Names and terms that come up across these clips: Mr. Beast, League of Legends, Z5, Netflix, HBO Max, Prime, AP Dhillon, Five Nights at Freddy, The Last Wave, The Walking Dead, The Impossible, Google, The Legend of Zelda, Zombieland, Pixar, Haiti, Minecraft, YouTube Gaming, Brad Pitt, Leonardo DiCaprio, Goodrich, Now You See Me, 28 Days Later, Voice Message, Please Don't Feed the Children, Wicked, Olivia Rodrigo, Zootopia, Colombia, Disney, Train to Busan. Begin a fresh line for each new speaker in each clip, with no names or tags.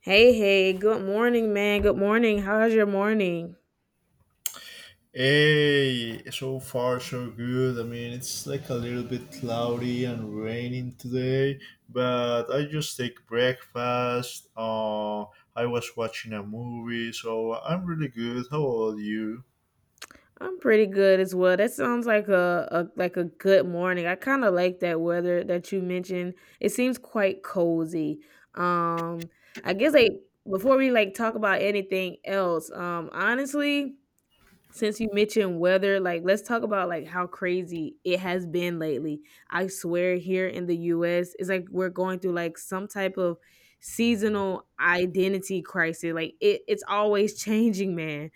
Hey, hey, good morning, man. Good morning. How's your morning?
Hey, so far so good. I mean, it's like a little bit cloudy and raining today, but I just take breakfast. I was watching a movie, so I'm really good. How about you?
I'm pretty good as well. That sounds like a like a good morning. I kind of like that weather that you mentioned. It seems quite cozy. Um, I guess like before we talk about anything else, honestly, since you mentioned weather, like let's talk about like how crazy it has been lately. I swear here in the US, it's like we're going through like some type of seasonal identity crisis. Like it's always changing, man.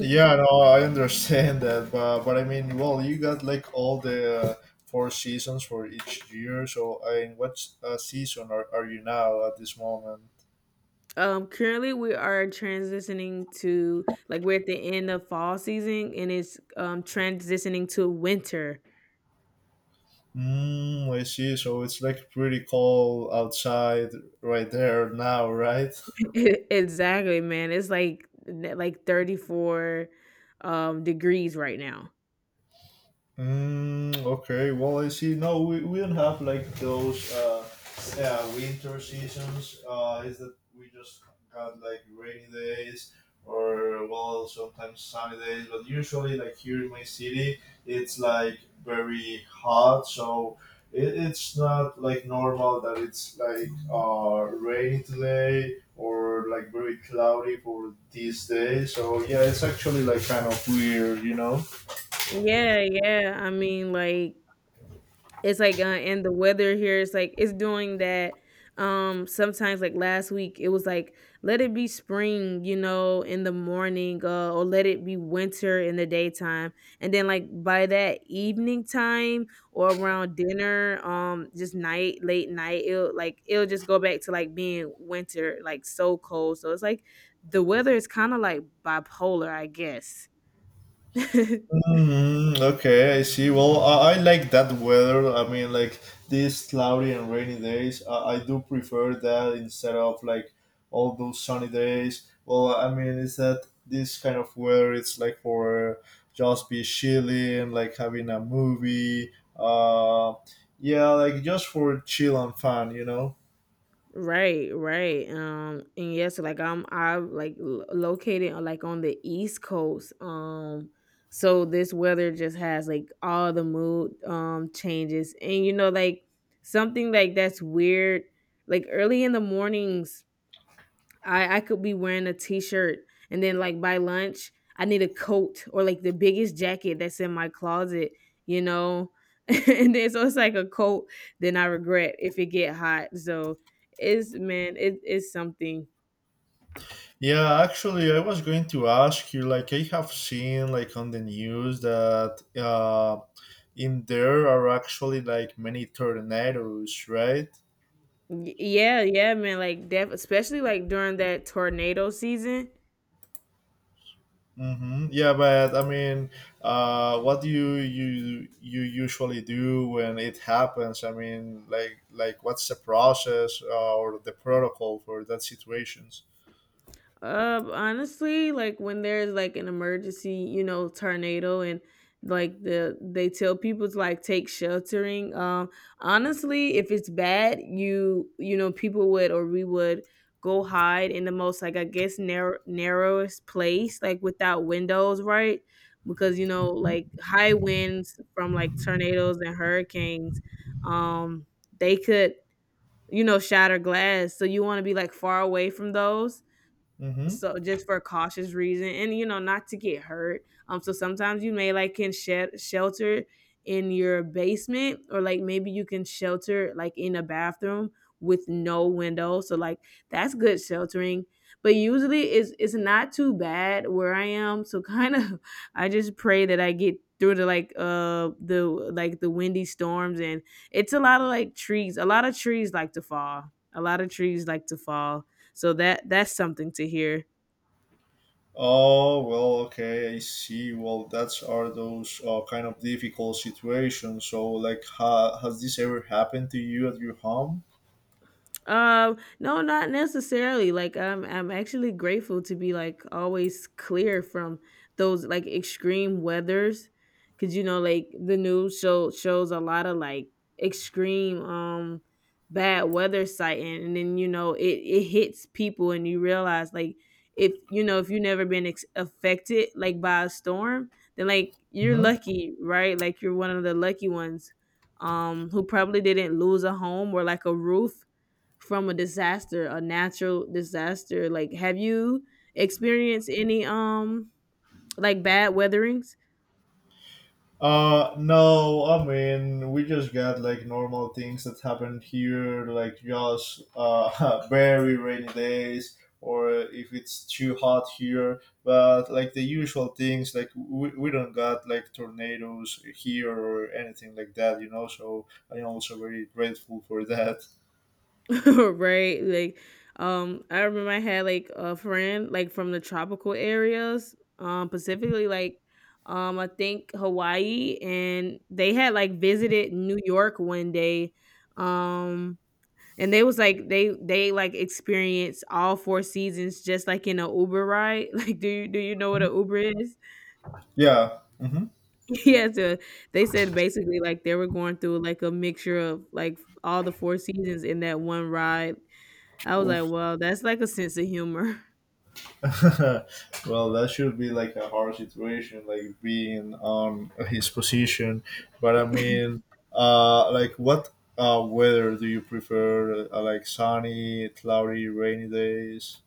Yeah, no, I understand that, but I mean, well, you got like all the four seasons for each year. So, I mean, what season are you now at this moment?
Currently we are transitioning to like we're at the end of fall season and it's transitioning to winter.
Mm, I see. So it's like pretty cold outside right there now, right?
Exactly, man. It's like like 34 degrees right now.
Mm, okay, well, I see. No, we don't have like those yeah, winter seasons. Is that we just got like rainy days or well, sometimes sunny days. But usually, like here in my city, it's like very hot, so it's not like normal that it's like rainy today or like very cloudy for these days. So yeah, it's actually like kind of weird, you know.
Yeah, yeah. I mean, like it's like, and the weather here is like it's doing that. Sometimes like last week, it was like let it be spring, you know, in the morning, or let it be winter in the daytime, and then like by that evening time or around dinner, just night, late night, it'll just go back to like being winter, like so cold. So it's like the weather is kind of like bipolar, I guess.
Hmm. Okay, I see. Well, I like that weather. I mean, like these cloudy and rainy days, I do prefer that instead of like all those sunny days. Well, I mean, is that this kind of weather? It's like for just be chilling, like having a movie. Uh, yeah, like just for chill and fun, you know.
Right, right. And yes, like I'm like located like on the East Coast. So this weather just has like all the mood changes, and you know, like something like that's weird. Like early in the mornings, I could be wearing a t-shirt and then like by lunch I need a coat or like the biggest jacket that's in my closet, you know. And then so it's like a coat then I regret if it get hot. So it's man, it's something.
Yeah, actually, I was going to ask you. Like, I have seen like on the news that in there are actually like many tornadoes, right?
Yeah, yeah, man. Like especially like during that tornado season.
Mm-hmm. Yeah, but I mean, what do you usually do when it happens? I mean, like what's the process or the protocol for that situations?
Honestly, like when there's like an emergency, you know, tornado and like they tell people to like take sheltering. Honestly, if it's bad, you know people would or we would go hide in the most like I guess narrowest place, like without windows, right? Because you know like high winds from like tornadoes and hurricanes, um, they could you know shatter glass. So you want to be like far away from those,
Mm-hmm.
so just for cautious reason and you know not to get hurt, so sometimes you may like can shed shelter in your basement or like maybe you can shelter like in a bathroom with no window, so like that's good sheltering. But usually it's not too bad where I am, so kind of I just pray that I get through the like the like the windy storms. And it's a lot of like trees, a lot of trees like to fall, so that's something to hear.
Oh, well, okay, I see. Well, that's are those kind of difficult situations. So, like, has this ever happened to you at your home?
No, not necessarily. Like, I'm actually grateful to be like always clear from those like extreme weathers, because you know, like the news shows a lot of like extreme bad weather sighting, and then you know it hits people, and you realize like if you know if you've never been affected like by a storm, then like you're
Hmm.
lucky, right? Like you're one of the lucky ones who probably didn't lose a home or like a roof from a disaster, a natural disaster. Like, have you experienced any like bad weatherings?
No, I mean, we just got like normal things that happen here, like just very rainy days, or if it's too hot here, but like the usual things, like we don't got like tornadoes here or anything like that, you know, so I'm also very grateful for that.
Right? Like, I remember I had like a friend like from the tropical areas, specifically like I think Hawaii, and they had like visited New York one day. um. And they was like they like experienced all four seasons just like in a Uber ride. Like do you know what an Uber is?
Yeah. Hmm.
Yeah, so they said basically like they were going through like a mixture of like all the four seasons in that one ride. I was like,
Oof.
"Well, that's like a sense of humor."
Well, that should be like a hard situation, like being on his position. But I mean, like what weather do you prefer? Like sunny, cloudy, rainy days?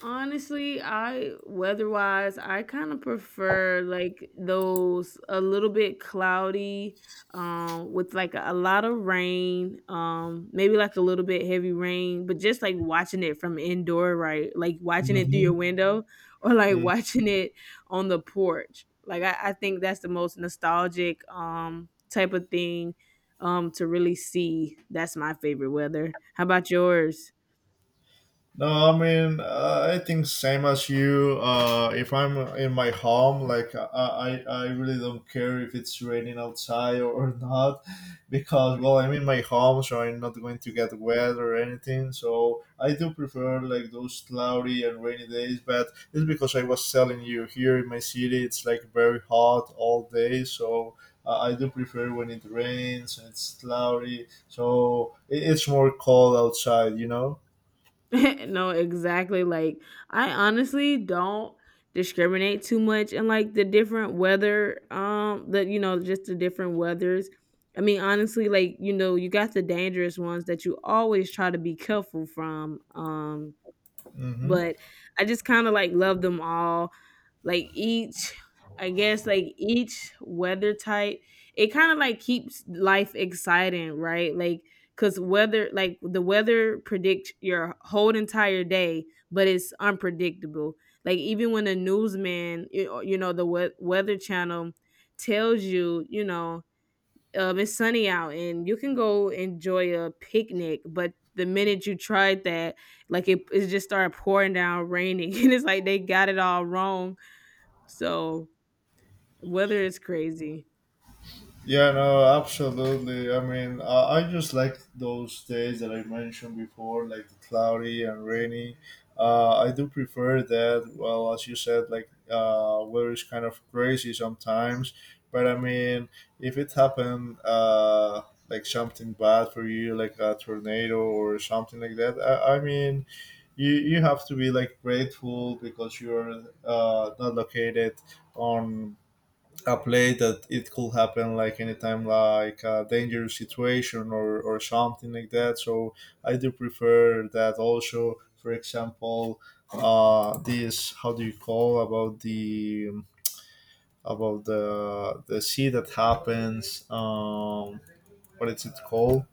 Honestly, I weather-wise, I kind of prefer like those a little bit cloudy, with like a lot of rain, maybe like a little bit heavy rain, but just like watching it from indoor, right? Like watching it through your
Mm-hmm.
window or like watching it on the porch. Like I think that's the most nostalgic type of thing to really see. That's my favorite weather. How about yours?
No, I mean, I think same as you. If I'm in my home, like I really don't care if it's raining outside or not, because well, I'm in my home, so I'm not going to get wet or anything. So I do prefer like those cloudy and rainy days. But it's because I was telling you here in my city, it's like very hot all day. So I do prefer when it rains and it's cloudy. So it's more cold outside, you know.
No, exactly. Like I honestly don't discriminate too much in like the different weather the you know Just the different weathers. I mean honestly like you know you got the dangerous ones that you always try to be careful from,
Mm-hmm.
but I just kind of like love them all. Like each, I guess, like each weather type, it kind of like keeps life exciting, right? Like, cause weather, like the weather predicts your whole entire day, but it's unpredictable. Like even when the newsman, you know, the weather channel tells you, you know, it's sunny out and you can go enjoy a picnic, but the minute you tried that, like it just started pouring down, raining, and it's like they got it all wrong. So weather is crazy.
Yeah, no, absolutely. I mean, I just like those days that I mentioned before, like the cloudy and rainy. I do prefer that. Well, as you said, like weather is kind of crazy sometimes. But I mean, if it happened, like something bad for you, like a tornado or something like that, I mean, you have to be like grateful because you're not located on a play that it could happen like anytime like a dangerous situation, or something like that. So I do prefer that also. For example, this, how do you call about the sea that happens? Um, what is it called?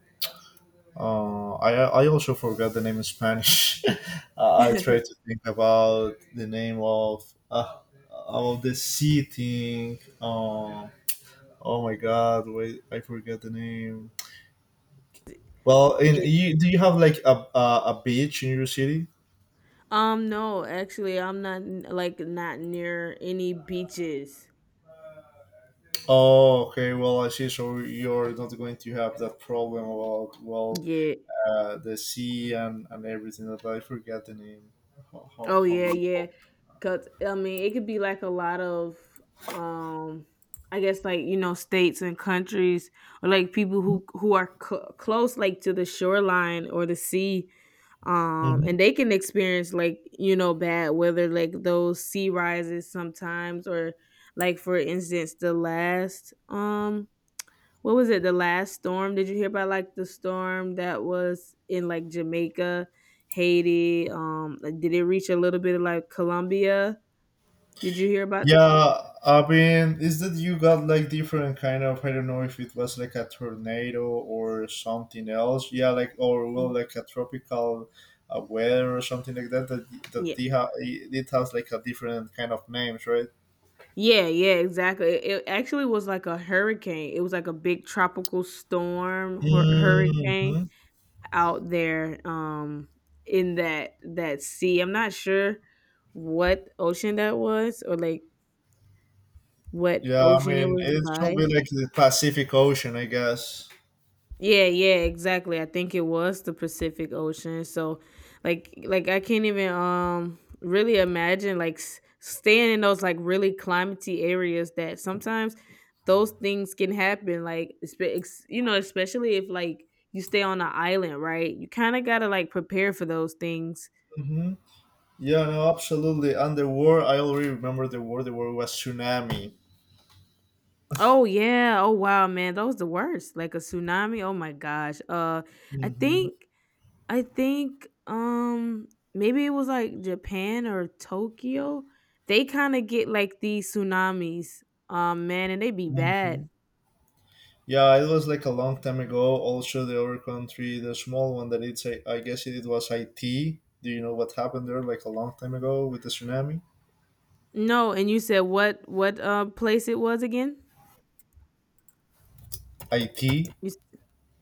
I also forgot the name in Spanish. I try to think about the name of uh, about the sea thing. Um, oh my God! Wait, I forget the name. Well, in,
It,
you, do you have like a beach in your city?
no, actually, I'm not like not near any beaches.
Oh, okay. Well, I see. So you're not going to have that problem about, well,
Yeah.
the sea and everything. Like that, I forget the name.
Oh
How
yeah,
you
yeah.
call
Cause I mean, it could be like a lot of, um, I guess like you know states and countries or like people who are close like to the shoreline or the sea,
it?
and they can experience like you know bad weather like those sea rises sometimes. Or like for instance the last what was it? The last storm? Did you hear about like the storm that was in like Jamaica, Haiti? Like, did it reach a little bit of like Colombia? Did you hear about?
Yeah, I mean, is that you got like different kind of, I don't know if it was like a tornado or something else. Yeah, like or
Mm,
well, like a tropical weather or something like that. That
yeah,
they it has like a different kind of names, right?
yeah, yeah, exactly. It actually was like a hurricane. It was like a big tropical storm, hurricane
Hmm.
out there. In that sea, I'm not sure what ocean that was or like what
Yeah, I
ocean it
mean,
was
it
by.
should be like the Pacific Ocean, I guess.
Yeah, yeah, exactly. I think it was the Pacific Ocean. So, like I can't even really imagine like staying in those like really climatey areas that sometimes those things can happen. Like, you know, especially if like you stay on an island, right? You kind of gotta like prepare for those things.
Hmm. Yeah, no, absolutely. And the war, I already remember the war. The war was tsunami.
Oh yeah. Oh wow, man, that was the worst. Like a tsunami. Oh my gosh. I
Hmm.
think. I think, maybe it was, like, Japan or Tokyo? They kinda get, like, these tsunamis, man, and they be bad.
Hmm. Yeah, it was like a long time ago. Also, the other country, the small one that it's, I guess it was Haiti. Do you know what happened there like a long time ago with the tsunami?
No, and you said what, place it was again?
Haiti?
You s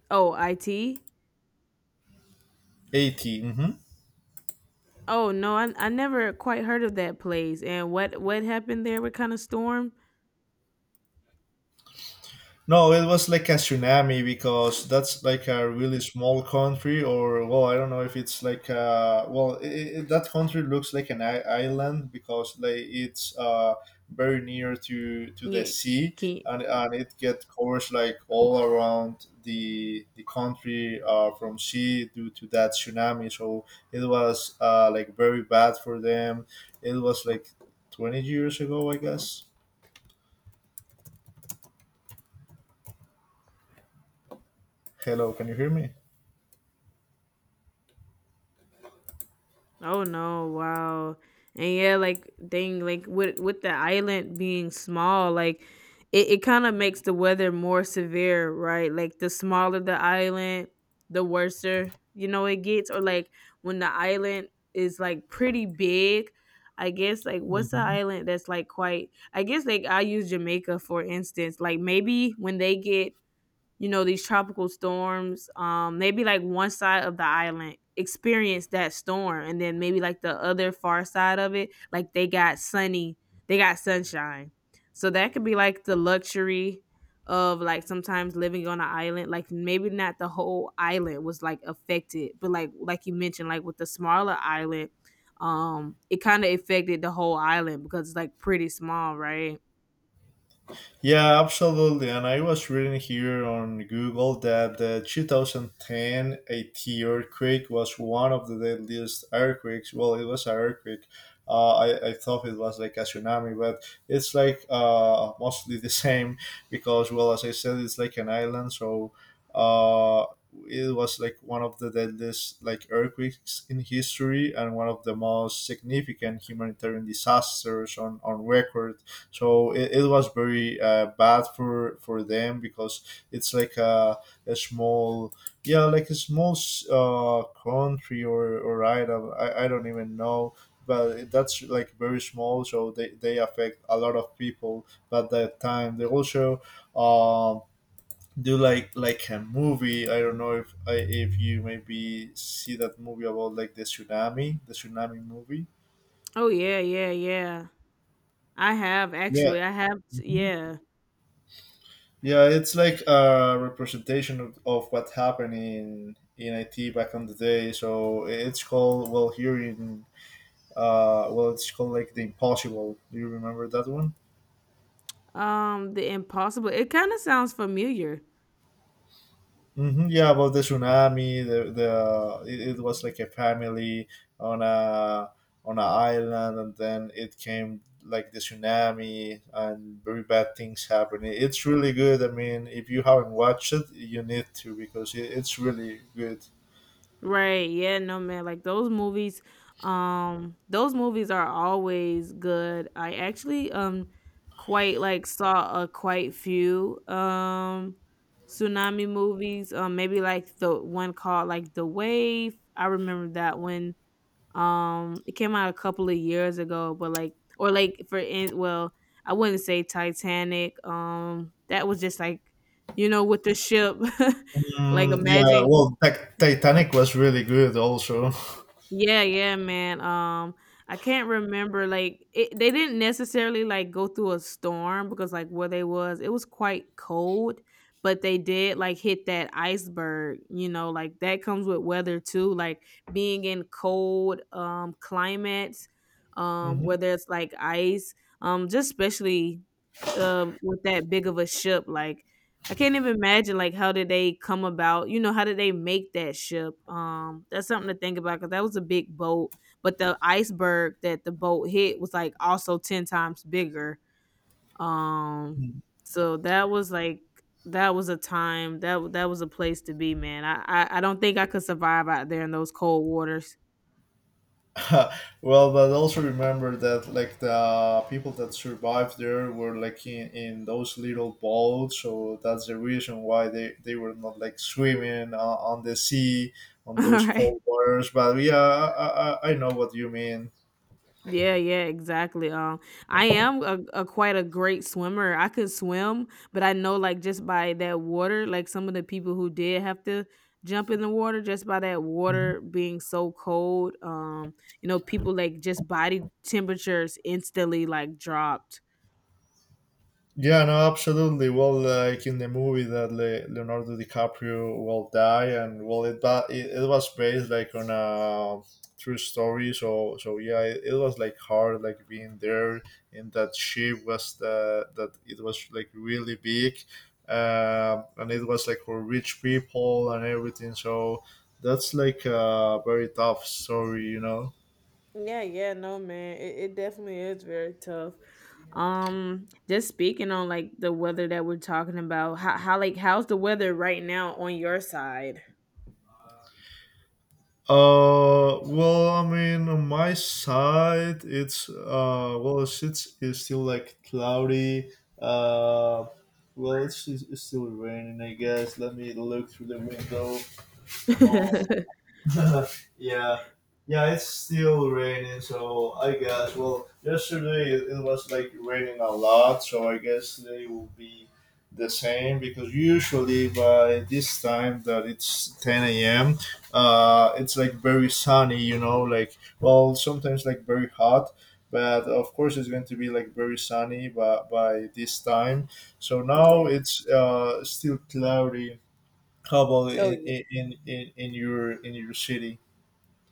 Oh, IT?
Haiti. Hmm.
Oh, no, I never quite heard of that place, and what happened there? What kinda storm?
No, it was like a tsunami because that's like a really small country, or well, I don't know if it's like uh, well, I that country looks like an island because like it's uh, very near to the
Yeah,
sea,
can.
and it get covers like all around the country uh, from sea due to that tsunami. So it was uh, like very bad for them. It was like 20 years ago, I guess. Hello, can you hear me?
Oh no, wow. And yeah, like dang, like with the island being small, like it kind of makes the weather more severe, right? Like the smaller the island, the worser, you know, it gets. Or like when the island is like pretty big, I guess like what's the
Mhm.
island that's like quite, I guess like I use Jamaica for instance. Like maybe when they get you know these tropical storms, maybe like one side of the island experienced that storm and then maybe like the other far side of it like they got sunny, they got sunshine So that could be like the luxury of like sometimes living on an island. Like maybe not the whole island was like affected, but like you mentioned like with the smaller island, it kind of affected the whole island because it's like pretty small, right?
Yeah, absolutely. And I was reading here on Google that the 2010 Haiti earthquake was one of the deadliest earthquakes. Well, it was an earthquake. I thought it was like a tsunami, but it's like mostly the same because, well, as I said, it's like an island. So uh, it was like one of the deadliest like earthquakes in history and one of the most significant humanitarian disasters on record. So it was very bad for them because it's like a small, yeah, like a small country or item, I don't even know, but that's like very small, so they affect a lot of people. At that time, they also um, do like a movie. I don't know if if you maybe see that movie about like the tsunami, the tsunami movie.
Oh yeah, yeah, yeah. i have
Yeah.
actually i have Yeah.
Yeah, it's like a representation of what happened in IT back on the day. So it's called, well, here in uh, well, it's called like The Impossible. Do you remember that one?
The Impossible. It kind of sounds familiar.
Hmm, yeah, about the tsunami. The it it was like a family on a on an island, and then it came like the tsunami, and very bad things happening. It's really good. I mean, if you haven't watched it, you need to because it's really good.
Right. Yeah, no man, like those movies, those movies are always good. I actually quite like saw a quite few tsunami movies. Maybe like the one called like The Wave. I remember that one. It came out a couple of years ago, but like, or like I wouldn't say Titanic. That was just like, you know, with the ship, like
Mm, yeah,
imagine.
well, Titanic was really good also.
Yeah, yeah, man. I can't remember like they didn't necessarily like go through a storm because like where they was, it was quite cold, but they did like hit that iceberg, you know, like that comes with weather too, like being in cold climates, where
Mhm.
there's like ice, just especially with that big of a ship. Like I can't even imagine like how did they come about? You know, how did they make that ship? That's something to think about because that was a big boat, but the iceberg that the boat hit was like also ten times bigger. Um, so that was like that was a time that was a place to be, man. I don't think I could survive out there in those cold waters.
Well, but also remember that like the people that survived there were like in those little boats, so that's the reason why they were not like swimming on the sea on
All
those
right.
cold waters. But yeah, I know what you mean.
Yeah, yeah, exactly. I am a quite a great swimmer. I could swim, but I know like just by that water, like some of the people who did have to jump in the water, just by that water being so cold, people like just body temperatures instantly like dropped.
Yeah, no, absolutely. Well, like in the movie that Leonardo DiCaprio will die, and well, it it was based like on a true story. So, so yeah, it was like hard, like being there in that ship, was the, that it was like really big, and it was like for rich people and everything. So that's like a very tough story, you know.
Yeah, yeah, no, man. It definitely is very tough. Just speaking on like the weather that we're talking about, how's the weather right now on your side?
Well, I mean, on my side, it's well, it's still like cloudy. Uh, well, it's it's still raining, I guess. Let me look through the window. Um, yeah, yeah, it's still raining, so I guess. Well, yesterday it, it was like raining a lot, so I guess today will be the same, because usually by this time that it's 10 a.m., it's like very sunny, you know, like well, sometimes like very hot. But of course, it's going to be like very sunny by this time. So
Yeah.
now it's still cloudy. How about
Oh,
in your city?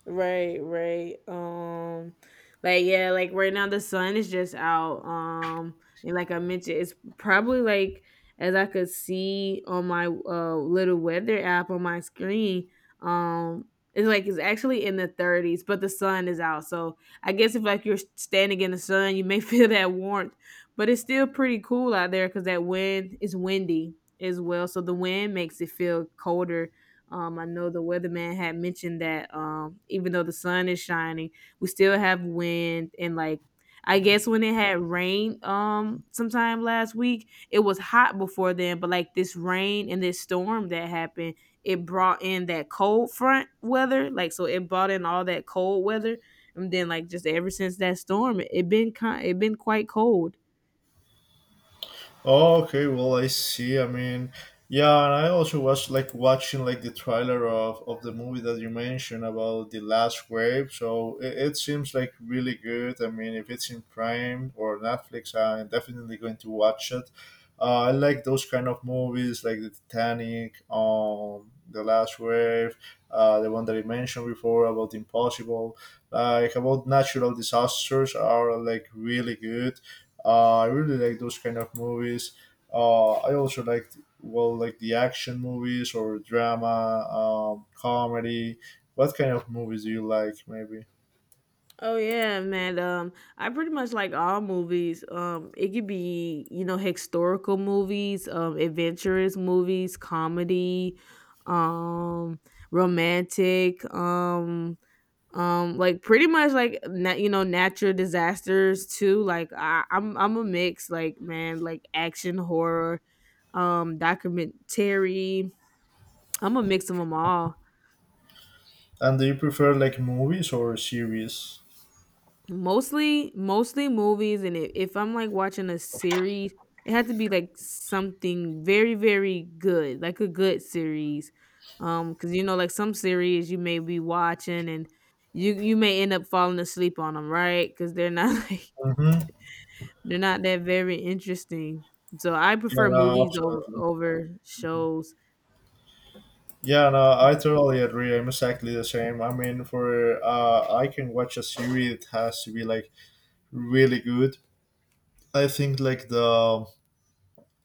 right, right. Like yeah, like right now the sun is just out. And like I mentioned, it's probably like as I could see on my little weather app on my screen. It's like it's actually in the 30s, but the sun is out. So I guess if like you're standing in the sun, you may feel that warmth, but it's still pretty cool out there because that wind is windy as well. So the wind makes it feel colder. I know the weatherman had mentioned that even though the sun is shining, we still have wind. And like I guess when it had rained sometime last week, it was hot before then, but like this rain and this storm that happened, it brought in that cold front weather, like so it brought in all that cold weather, and then like just ever since that storm, it been quite cold.
Oh, okay. Well, I see. I mean, yeah, and I also was like watching like the trailer of the movie that you mentioned about The Last Wave. So it seems like really good. I mean, if it's in Prime or Netflix, I'm definitely going to watch it. I like those kind of movies like the Titanic, The Last Wave, the one that I mentioned before about The Impossible. Like about natural disasters are like really good, I really like those kind of movies. I also like, well, like the action movies or drama, comedy. What kind of movies do you like, maybe?
Oh yeah, man. I pretty much like all movies. It could be you know historical movies, adventurous movies, comedy, um, romantic, like pretty much you know natural disasters too. Like I'm a mix. Like man, like action, horror, documentary. I'm a mix of them all.
And do you prefer like movies or series?
Mostly movies, and if I'm, like, watching a series, it had to be, like, something very, very good, like a good series, cause you know, like, some series you may be watching and you may end up falling asleep on them, right? 'Cause they're not, like
Mm-hmm.
they're not that very interesting. So I
Yeah,
prefer
no,
movies over
absolutely.
shows.
Yeah, no, I totally agree. I'm exactly the same. I mean, for I can watch a series. It has to be like really good. I think like the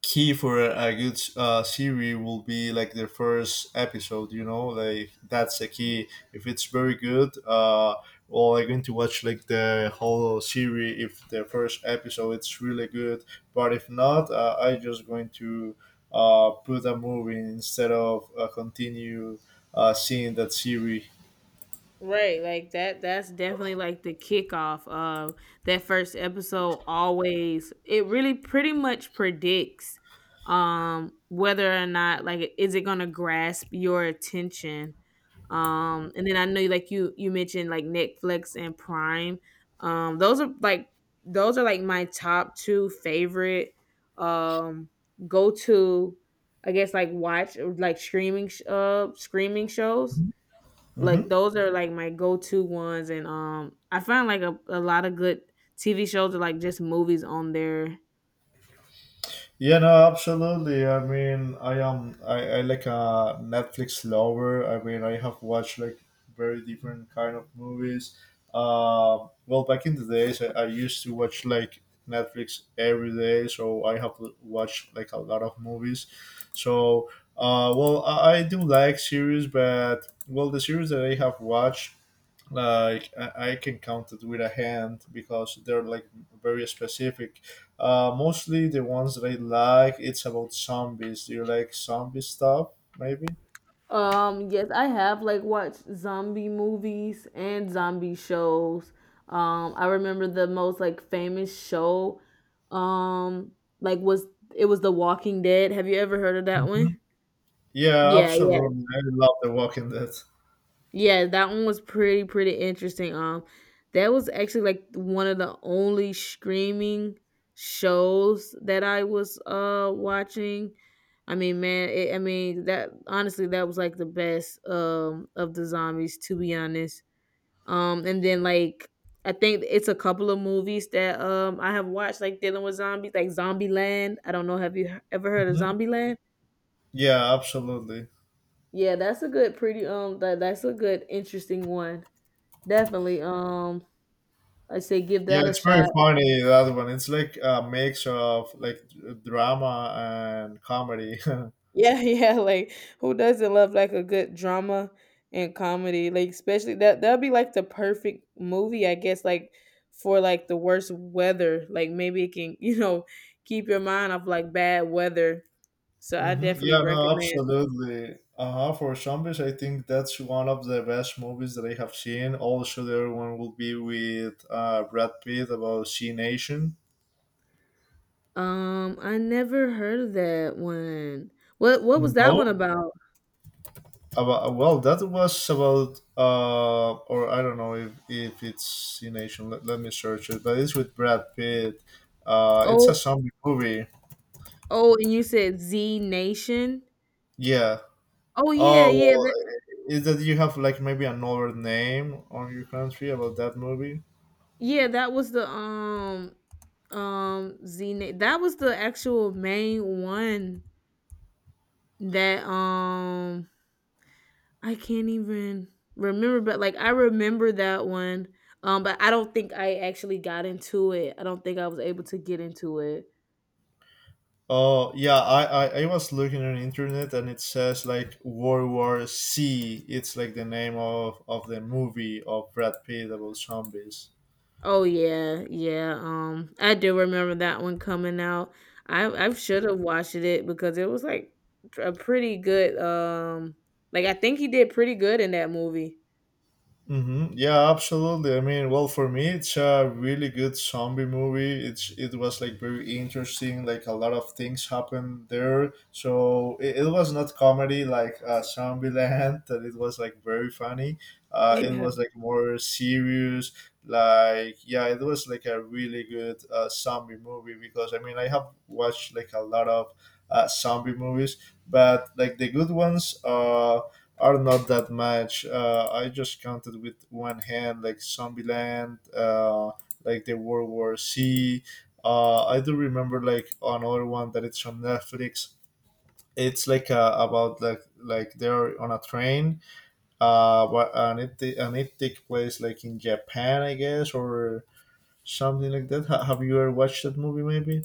key for a good series will be like the first episode like that's the key if it's very good well, I'm going to watch like the whole series if the first episode it's really good, but if not I just going to put a movie instead of continue seeing that series.
Right, like that that's definitely like the kickoff of that first episode. Always it really pretty much predicts whether or not like is it going to grasp your attention. And then I know like you mentioned like Netflix and Prime. Those are like those are like my top two favorite um go to, I guess, like watch or like streaming shows. Like
Hmm.
those are like my go-to ones, and I find like a lot of good TV shows or like just movies on there.
Yeah, no, absolutely. I mean, I like a Netflix lover. I mean, I have watched like very different kind of movies. Well, back in the days, I used to watch like Netflix every day, so I have watched like a lot of movies. So, well, I do like series, but well, the series that I have watched, like I can count it with a hand because they're like very specific mostly the ones that I like, it's about zombies. Do you like zombie stuff? Maybe.
Yes, I have like watched zombie movies and zombie shows. I remember the most like famous show um like was it was The Walking Dead. Have you ever heard of that
Mhm.
one?
Yeah,
Yeah, yeah.
absolutely, I love The Walking Dead.
Yeah, that one was pretty interesting. That was actually like one of the only streaming shows that I was watching. I mean, man, I mean that honestly, that was like the best of the zombies, to be honest. And then like I think it's a couple of movies that I have watched like dealing with zombies, like Zombieland. I don't know, have you ever heard of
Mhm.
Zombieland?
Yeah, absolutely.
Yeah, that's a good, pretty that that's a good, interesting one. Definitely. I say give
Yeah,
that a
it's very
shot.
funny, that one. It's like a mix of like drama and comedy.
Yeah, yeah, like who doesn't love like a good drama and comedy? Like especially that'll be like the perfect movie, I guess, like for like the worst weather. Like maybe it can, you know, keep your mind off like bad weather. So I
Mm-hmm.
definitely
Yeah, no,
recommend.
absolutely. Uh-huh. For zombies, I think that's one of the best movies that I have seen. Also, the other one will be with Brad Pitt about C Nation.
I never heard of that one. What was that one
No,
about?
about, well, that was about or I don't know if it's C Nation. Let me search it, but it's with Brad Pitt. It's a
Oh,
zombie movie.
oh, and you said Z Nation.
Yeah.
Oh yeah,
Oh
yeah,
well, is that you have like maybe another name on your country about that movie?
that was the Z that was the actual main one that I can't even remember, but like I remember that one. But I don't think I actually got into it. I don't think I was able to get into it.
Oh yeah, I was looking on internet, and it says like World War C. It's like the name of the movie of Brad Pitt about zombies.
Oh yeah, yeah. I do remember that one coming out. I should have watched it because it was like a pretty good like I think he did pretty good in that movie.
Mm-hmm. Yeah, absolutely. I mean, well, for me, it's a really good zombie movie. It was like very interesting. Like a lot of things happened there, so it was not comedy like Zombieland that it was like very funny. It
Yeah.
was like more serious. Like yeah, it was like a really good zombie movie because I mean I have watched like a lot of zombie movies, but like the good ones are not that much. I just counted with one hand, like Zombieland, like the World War C. I do remember like another one that it's on Netflix. It's like about like they're on a train, but and and it takes place like in Japan, I guess, or something like that. Have you ever watched that movie? Maybe.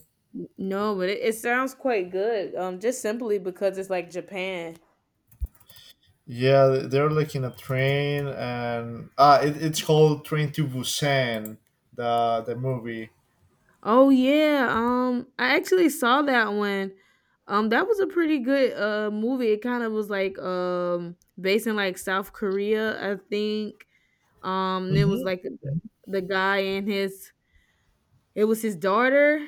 No, but it sounds quite good. Just simply because it's like Japan.
Yeah, they're like in a train, and it's called Train to Busan, the movie.
Oh yeah. I actually saw that one. That was a pretty good movie. It kind of was like based in like South Korea, I think. It was
Mhm.
like
Mhm.
the guy and his it was his daughter.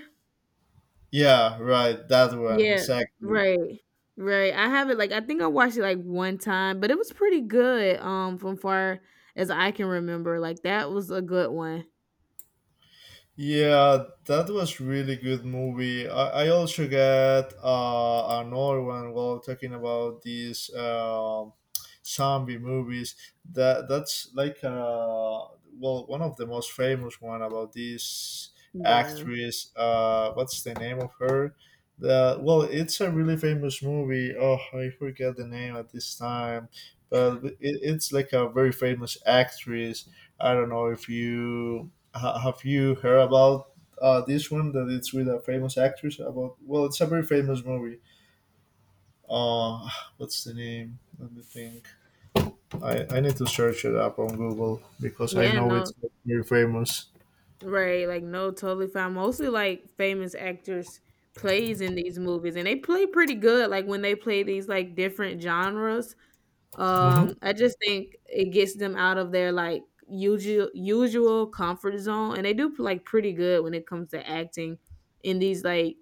Yeah, right, that one,
Yeah.
exactly.
Right. Right. I have it like I think I watched it like one time, but it was pretty good. From far as I can remember, like that was a good one.
Yeah, that was really good movie. I also got another one while talking about these zombie movies. That's like well one of the most famous one about this
Yeah.
actress. What's the name of her? The Well, it's a really famous movie. Oh, I forget the name at this time, but it's like a very famous actress. I don't know if you have you heard about this one that it's with a famous actress about, well, it's a very famous movie uh what's the name? Let me think. I need to search it up on Google because I
Yeah,
know
no,
it's very famous.
right, like, no, totally fine. Mostly, like, famous actors plays in these movies, and they play pretty good, like, when they play these, like, different genres.
Hmm.
I just think it gets them out of their, like, usual comfort zone, and they do, like, pretty good when it comes to acting in these, like,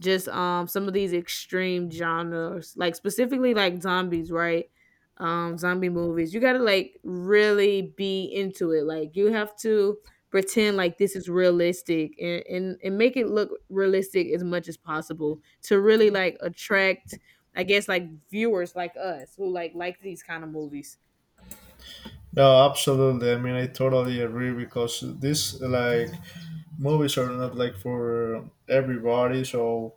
just some of these extreme genres like specifically like zombies, right? Zombie movies, you gotta like really be into it. Like you have to pretend like this is realistic, and, and make it look realistic as much as possible to really like attract, I guess, like viewers like us who like these kind of movies.
No, absolutely. I mean, I totally agree because this like movies are not like for everybody, so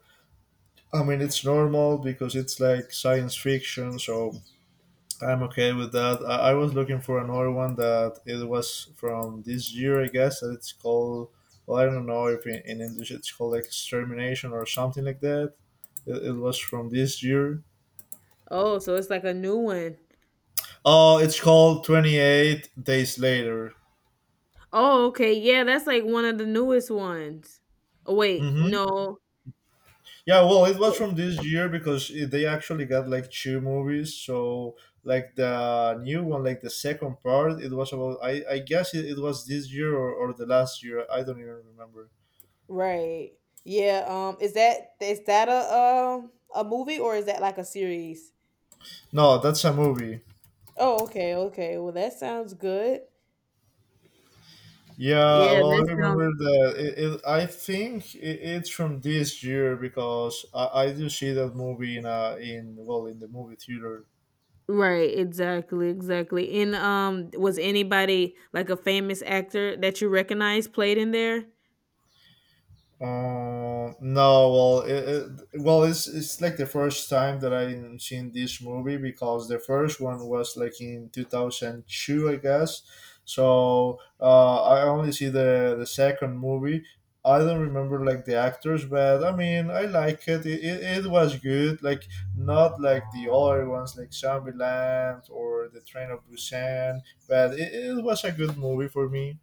I mean it's normal because it's like science fiction, so I'm okay with that. I was looking for another one that it was from this year, I guess, and it's called, well, I don't know if in English it's called Extermination or something like that. It was from this year.
Oh, so it's like a new one.
Oh, it's called 28 Days Later.
Oh, okay, yeah, that's like one of the newest ones. Oh wait,
Hmm.
no.
Yeah, well, it was from this year because they actually got like two movies. So, like the new one, like the second part, it was about, I guess it was this year, or the last year. I don't even remember.
Right. Yeah, is that a movie, or is that like a series?
No, that's a movie.
Oh, okay, okay. Well, that sounds good.
Yeah,
Yeah,
well, I
that sounds
remember that. I think it's from this year because I do see that movie in well in the movie theater.
right. Exactly, exactly. And was anybody like a famous actor that you recognize played in there?
No, well, well, it's like the first time that I seen this movie because the first one was like in 2002, I guess. So I only see the second movie. I don't remember like the actors, but I mean, I like it. It was good. Like not like the other ones, like Zombieland or The Train of Busan, but it was a good movie for me.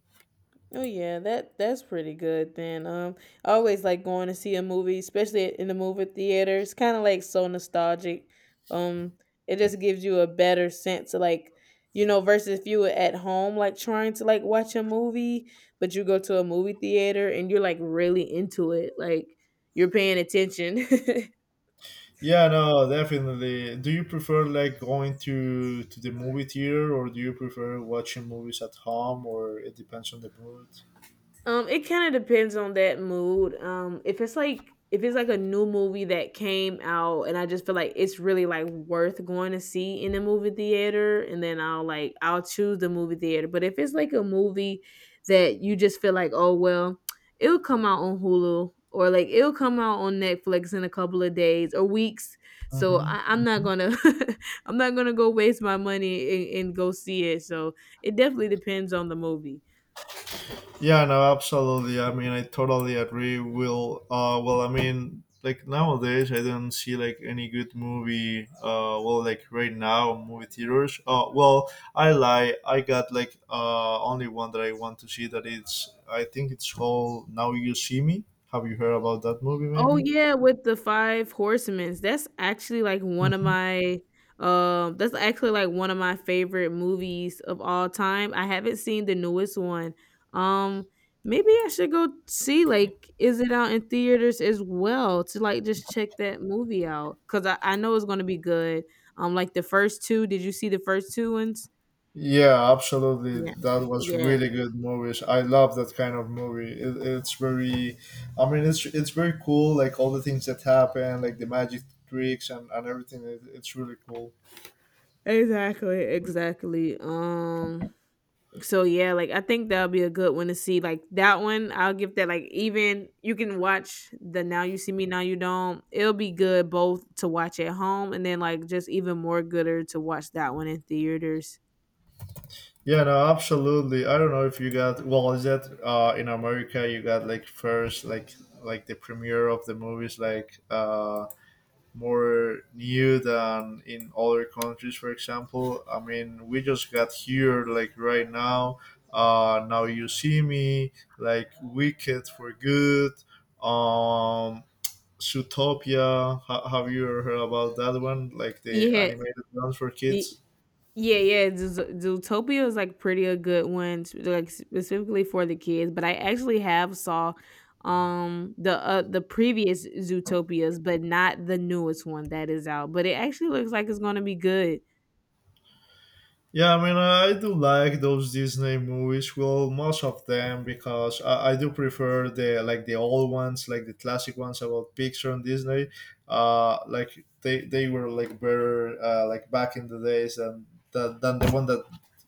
Oh yeah, that that's pretty good then. I always like going to see a movie, especially in the movie theater. It's kind of like so nostalgic. Um it just gives you a better sense of like you know versus if you were at home like trying to like watch a movie, but you go to a movie theater and you're like really into it. Like you're paying attention.
Yeah, no, definitely. Do you prefer like going to the movie theater, or do you prefer watching movies at home, or it depends on the mood?
It kind of depends on that mood. If it's like a new movie that came out and I just feel like it's really like worth going to see in the movie theater, and then I'll choose the movie theater. But if it's like a movie that you just feel like, oh well, it'll come out on Hulu or like it'll come out on Netflix in a couple of days or weeks. So
Hmm.
I'm not
Hmm.
gonna I'm not gonna go waste my money and, go see it. So it definitely depends on the movie.
Yeah, no, absolutely. I mean, I totally agree. Will, well, I mean, like nowadays, I don't see like any good movie. Well, like right now, movie theaters. Well, I lie. I got like only one that I want to see. That it's, I think it's called Now You See Me. Have you heard about that movie?
Oh
Maybe.
yeah, with the Five Horsemen. That's actually like one of
Mhm.
my that's actually like one of my favorite movies of all time. I haven't seen the newest one. Um Maybe I should go see like is it out in theaters as well to like just check that movie out, cuz I know it's going to be good. Like the first two, did you see the first two ones?
Yeah, absolutely.
Yeah.
That was
Yeah.
really good movies. I love that kind of movie. It's very, I mean, it's very cool. Like all the things that happen, like the magic tricks and everything. It's really cool.
Exactly, exactly. So yeah, like I think that'll be a good one to see. Like that one, I'll give that like even you can watch the Now You See Me, Now You Don't. It'll be good both to watch at home and then like just even more gooder to watch that one in theaters.
Yeah, no, absolutely. I don't know if you got well. Is that in America you got like first like the premiere of the movies like more new than in other countries, for example. I mean we just got here like right now Now You See Me, like Wicked for Good, um Zootopia. Have you heard about that one, like the
Yeah.
animated ones for
y-
kids?
Yeah, yeah, Zootopia is, like, pretty a good one, sp like, specifically for the kids, but I actually have saw, um, the previous Zootopias, but not the newest one that is out, but it actually looks like it's gonna be good.
Yeah, I mean, I do like those Disney movies. Well, most of them because I do prefer the like the old ones, like the classic ones about Pixar and Disney. Like they were like better like back in the days and than the one that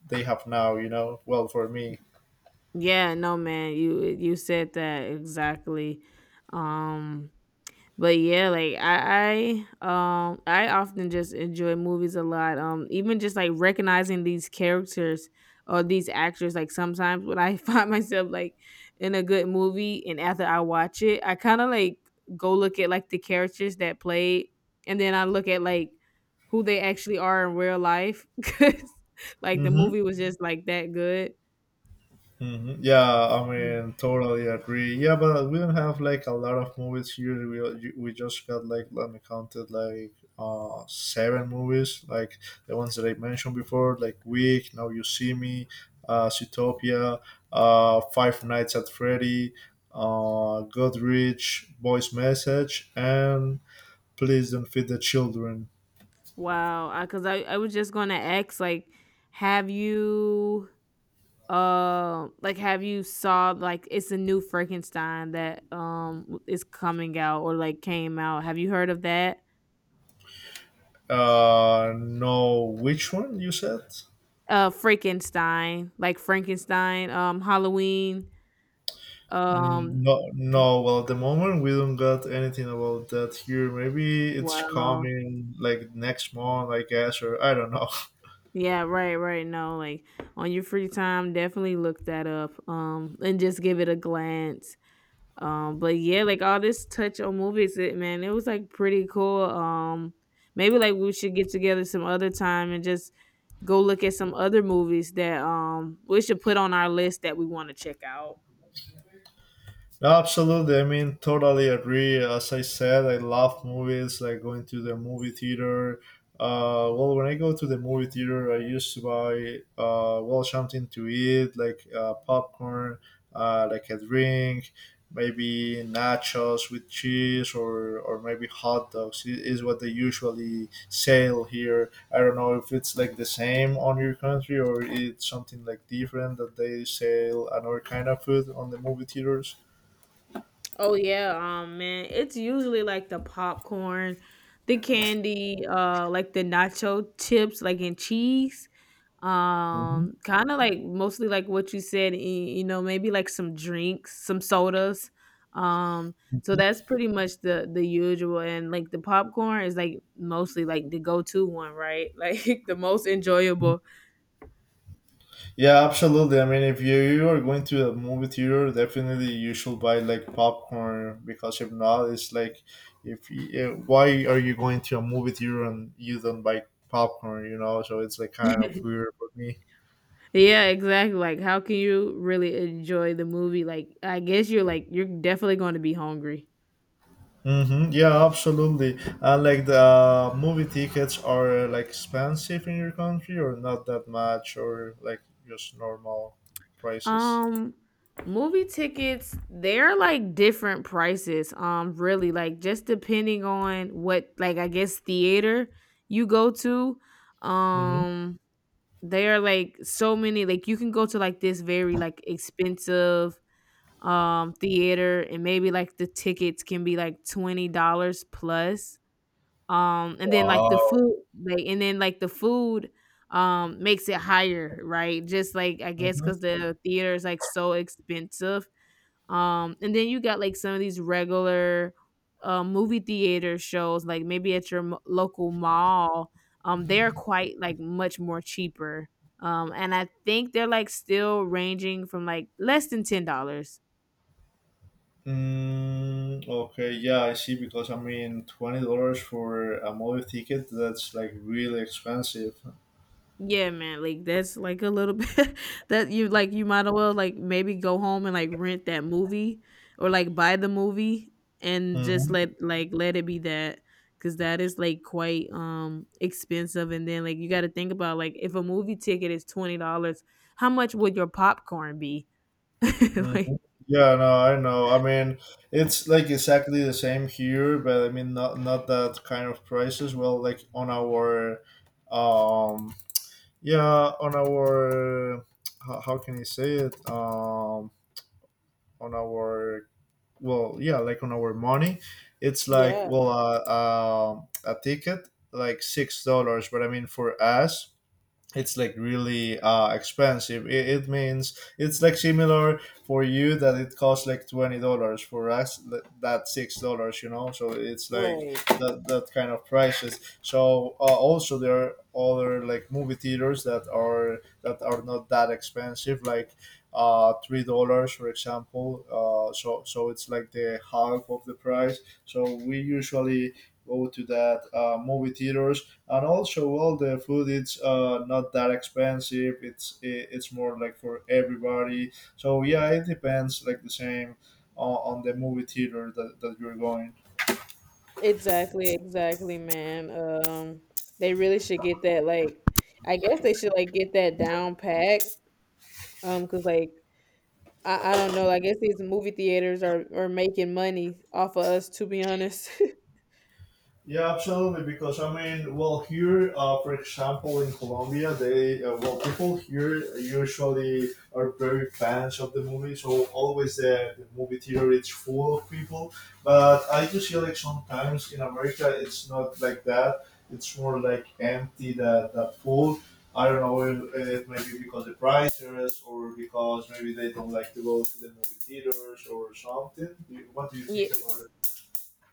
they have now. You know, well for me.
Yeah, no, man, you said that exactly, um but yeah, like I often just enjoy movies a lot. Even just like recognizing these characters or these actors, like sometimes when I find myself like in a good movie and after I watch it, I kind of like go look at like the characters that played, and then I look at like who they actually are in real life cuz like the
Hmm.
movie was just like that good.
Hmm. Yeah, I
Yeah.
mean, totally agree. Yeah, but we don't have like a lot of movies here. We just got like, let me count it, like seven movies, like the ones that I mentioned before, like Week, Now You See Me, Zootopia, Five Nights at Freddy, Goodrich, Voice Message, and Please Don't Feed the Children.
Wow, because I, 'cause I was just gonna ask, have you like, have you saw like it's a new Frankenstein that is coming out or like came out. Have you heard of that?
No, which one you said?
Frankenstein, like Frankenstein, Halloween.
Mm,
Um
no, no. Well, at the moment we don't got anything about that here. Maybe it's
wow.
coming like next month, I guess, or I don't know.
Yeah, right. No, like on your free time, definitely look that up. And just give it a glance. But yeah, like all this touch on movies, it man, it was like pretty cool. Maybe like we should get together some other time and just go look at some other movies that we should put on our list that we want to check out.
Absolutely. I mean, totally agree. As I said, I love movies, like going to the movie theater. Well, when I go to the movie theater, I used to buy, well, something to eat, like popcorn, like a drink, maybe nachos with cheese, or maybe hot dogs, is what they usually sell here. I don't know if it's like the same on your country or it's something like different that they sell another kind of food on the movie theaters.
Oh yeah, man, it's usually like the popcorn, the candy, like the nacho chips like in cheese.
Mhm,
Kind of like mostly like what you said, maybe like some drinks, some sodas. Um, so
mhm,
that's pretty much the usual, and like the popcorn is like mostly like the go-to one, right? Like the most
mhm.
enjoyable.
Yeah, absolutely. I mean, if you are going to a movie theater, definitely you should buy like popcorn because if not, it's like, if you, why are you going to a movie theater and you don't buy popcorn? You know, so it's like kind of weird for me.
Yeah, exactly. Like how can you really enjoy the movie? I guess you're like you're definitely going to be hungry.
Mm-hmm. Yeah, absolutely. And like the movie tickets are like expensive in your country, or not that much, or like just normal prices.
Um, movie tickets, they're like different prices. Really, like just depending on what, like I guess theater you go to.
Mm-hmm.
Um, they are like so many. Like you can go to like this very like expensive theater, and maybe like the tickets can be like $20 plus. And then like the
Wow.
food, like and then like the food makes it higher, right? Just like I guess because the theater is like so expensive. And then you got like some of these regular, movie theater shows, like maybe at your local mall. They're quite like much more cheaper. And I think they're like still ranging from like less than $10.
Mm, okay, yeah, I see. Because I mean, $20 for a movie ticket—that's like really expensive.
Yeah, man, like, that's, like, a little bit that you like, you might as well, like, maybe go home and, like, rent that movie or, like, buy the movie and just
Hmm.
let it be that. Cause that is, like, quite, expensive, and then, like, you gotta think about, like, if a movie ticket is $20, how much would your popcorn be?
Hmm.
Like
Yeah, no, I know. I mean, it's like exactly the same here, but I mean, not that kind of prices. Well, like on our, um, yeah, on our, how can I say it? On our, well yeah, like on our money it's like,
yeah,
well, a ticket like $6, but I mean for us it's like really expensive. It means it's like similar for you that it costs like $20, for us that $6, you know, so it's like
right.
that kind of prices. So also there are other like movie theaters that are not that expensive, like $3 for example So it's like the half of the price, so we usually go to that movie theater, and also all the food it's not that expensive. It's more like for everybody, so yeah, it depends like the same on the movie theater that you're going.
Exactly, man. They really should get that, like I guess they should, like, get that down pack. Cause like I don't know. I guess these movie theaters are making money off of us, to be honest.
Yeah, absolutely. Because I mean, well, here, for example, in Colombia, they well, people here usually are very fans of the movie, so always the movie theater is full of people. But I do see like sometimes in America, it's not like that. It's more like empty that that full. I don't know if maybe because the prices or because maybe they don't like to go to the movie theaters or something. What do you
Yeah,
think about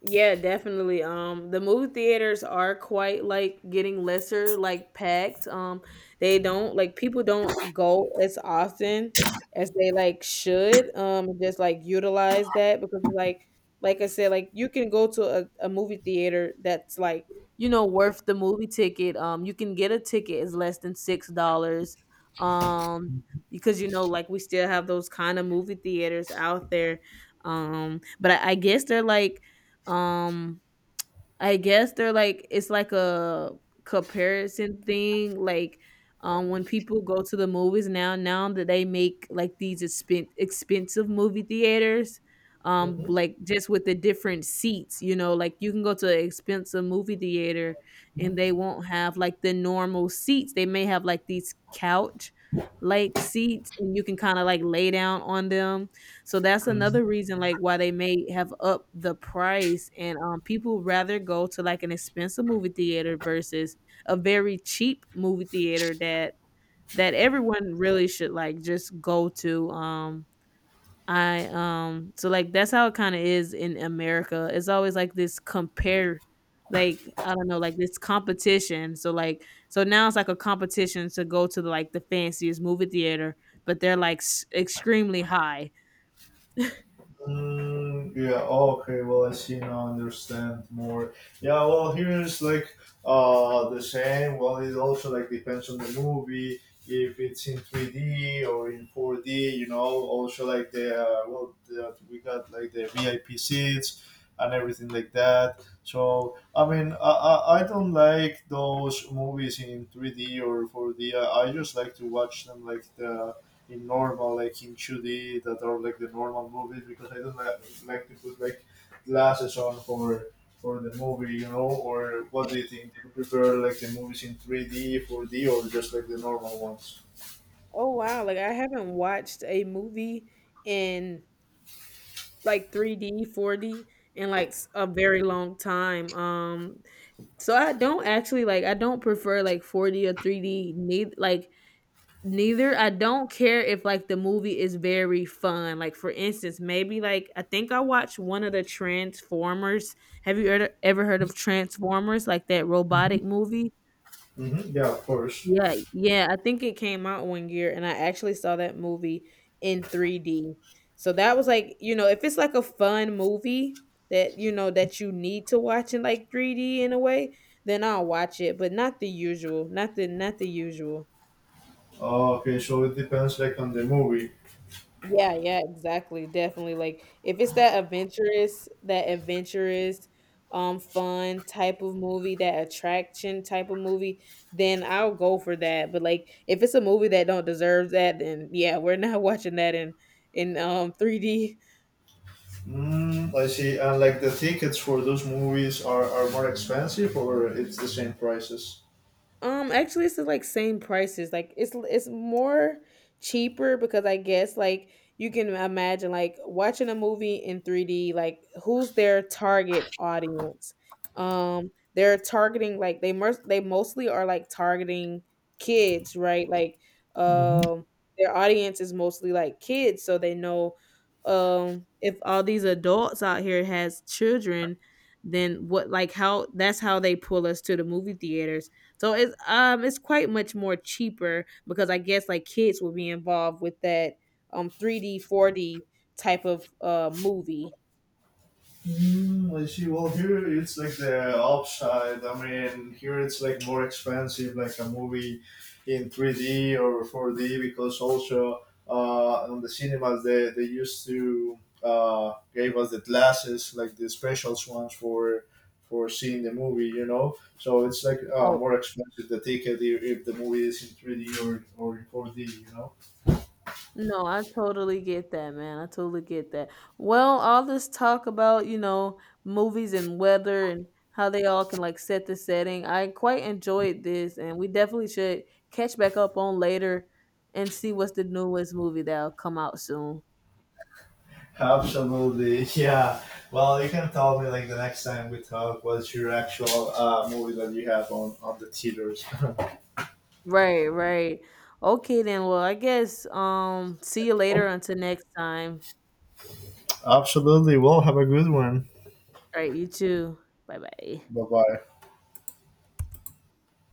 yeah, definitely. The movie theaters are quite like getting lesser, like packed. They don't like people don't go as often as they like should. Just like utilize that because like I said, like you can go to a movie theater that's like you know worth the movie ticket. You can get a ticket is less than $6. Um, because you know like we still have those kind of movie theaters out there. But I guess they're like um, it's like a comparison thing. Like, when people go to the movies now that they make like these expensive movie theaters,
it?
like just with the different seats, you know, like you can go to an expensive movie theater and they won't have like the normal seats. They may have like these couch like seats and you can kind of like lay down on them, so that's
Mhm.
another reason like why they may have upped the price. And people rather go to like an expensive movie theater versus a very cheap movie theater that everyone really should like just go to. I so like That's how it kind of is in America. It's always like this compare, like I don't know, like this competition. So now it's like a competition to go to the, like the fanciest movie theater, but they're like extremely high.
Mm, yeah. Okay. Well, I see now. Understand more. Yeah. Well, here's like the same. Well, it also like depends on the movie if it's in 3D or in 4D. You know. Also like the well, the, we got like the VIP seats and everything like that. So I mean, I don't like those movies in 3D or 4D. I just like to watch them like the in normal, like in 2D, that are like the normal movies because I don't like to put like glasses on for the movie, you know. Or what do you think? Do you prefer like the movies in 3D, 4D, or just like the normal ones?
Oh wow, like I haven't watched a movie in like 3D, 4D in like a very long time. I don't actually I don't prefer like 4D or 3D, neither. I don't care if like the movie is very fun. Like for instance, maybe like I think I watched one of the Transformers. Have you ever heard of Transformers? Like that robotic movie?
Hmm. Yeah, of course.
Yeah, yeah, I think it came out one year and I actually saw that movie in 3D. So that was like, you know, if it's like a fun movie that, you know, that you need to watch in like 3D in a way, then I'll watch it, but not the usual, not the usual.
Okay, so it depends like on the movie.
Yeah, yeah, exactly, definitely, like, if it's that adventurous, fun type of movie, that attraction type of movie, then I'll go for that, but, like, if it's a movie that don't deserve that, then, yeah, we're not watching that in 3D.
Mm, I see. And like the tickets for those movies are more expensive, or it's the same prices.
Actually, it's the like same prices. Like it's more cheaper because I guess like you can imagine like watching a movie in 3D. Like who's their target audience? They're targeting like they mostly are like targeting kids, right?
Mhm.
Um, their audience is mostly like kids, so they know if all these adults out here has children, then what like how that's how they pull us to the movie theater. So it's quite much more cheaper because I guess like kids will be involved with that 3D 4D type of movie.
Mm, I see. Well, here it's like the upside. I mean, here it's like more expensive, like a movie in 3D or 4D, because also on the cinemas they used to gave us the glasses, like the special ones for seeing the movie, you know. So it's like
Oh
more expensive the ticket if the movie is in 3D or in 4D, you know.
no, I totally get that, man. I totally get that. Well, all this talk about, you know, movies and weather and how they all can like set the setting, I quite enjoyed this and we definitely should catch back up on later and see what's the newest movie that'll come out soon.
Absolutely, yeah. Well, you can tell me like the next time we talk, what's your actual movie that you have on the theaters?
Right. Okay then. Well, I guess see you later until next time.
Absolutely. Well, have a good one.
All right, you too. Bye-bye.
Bye bye.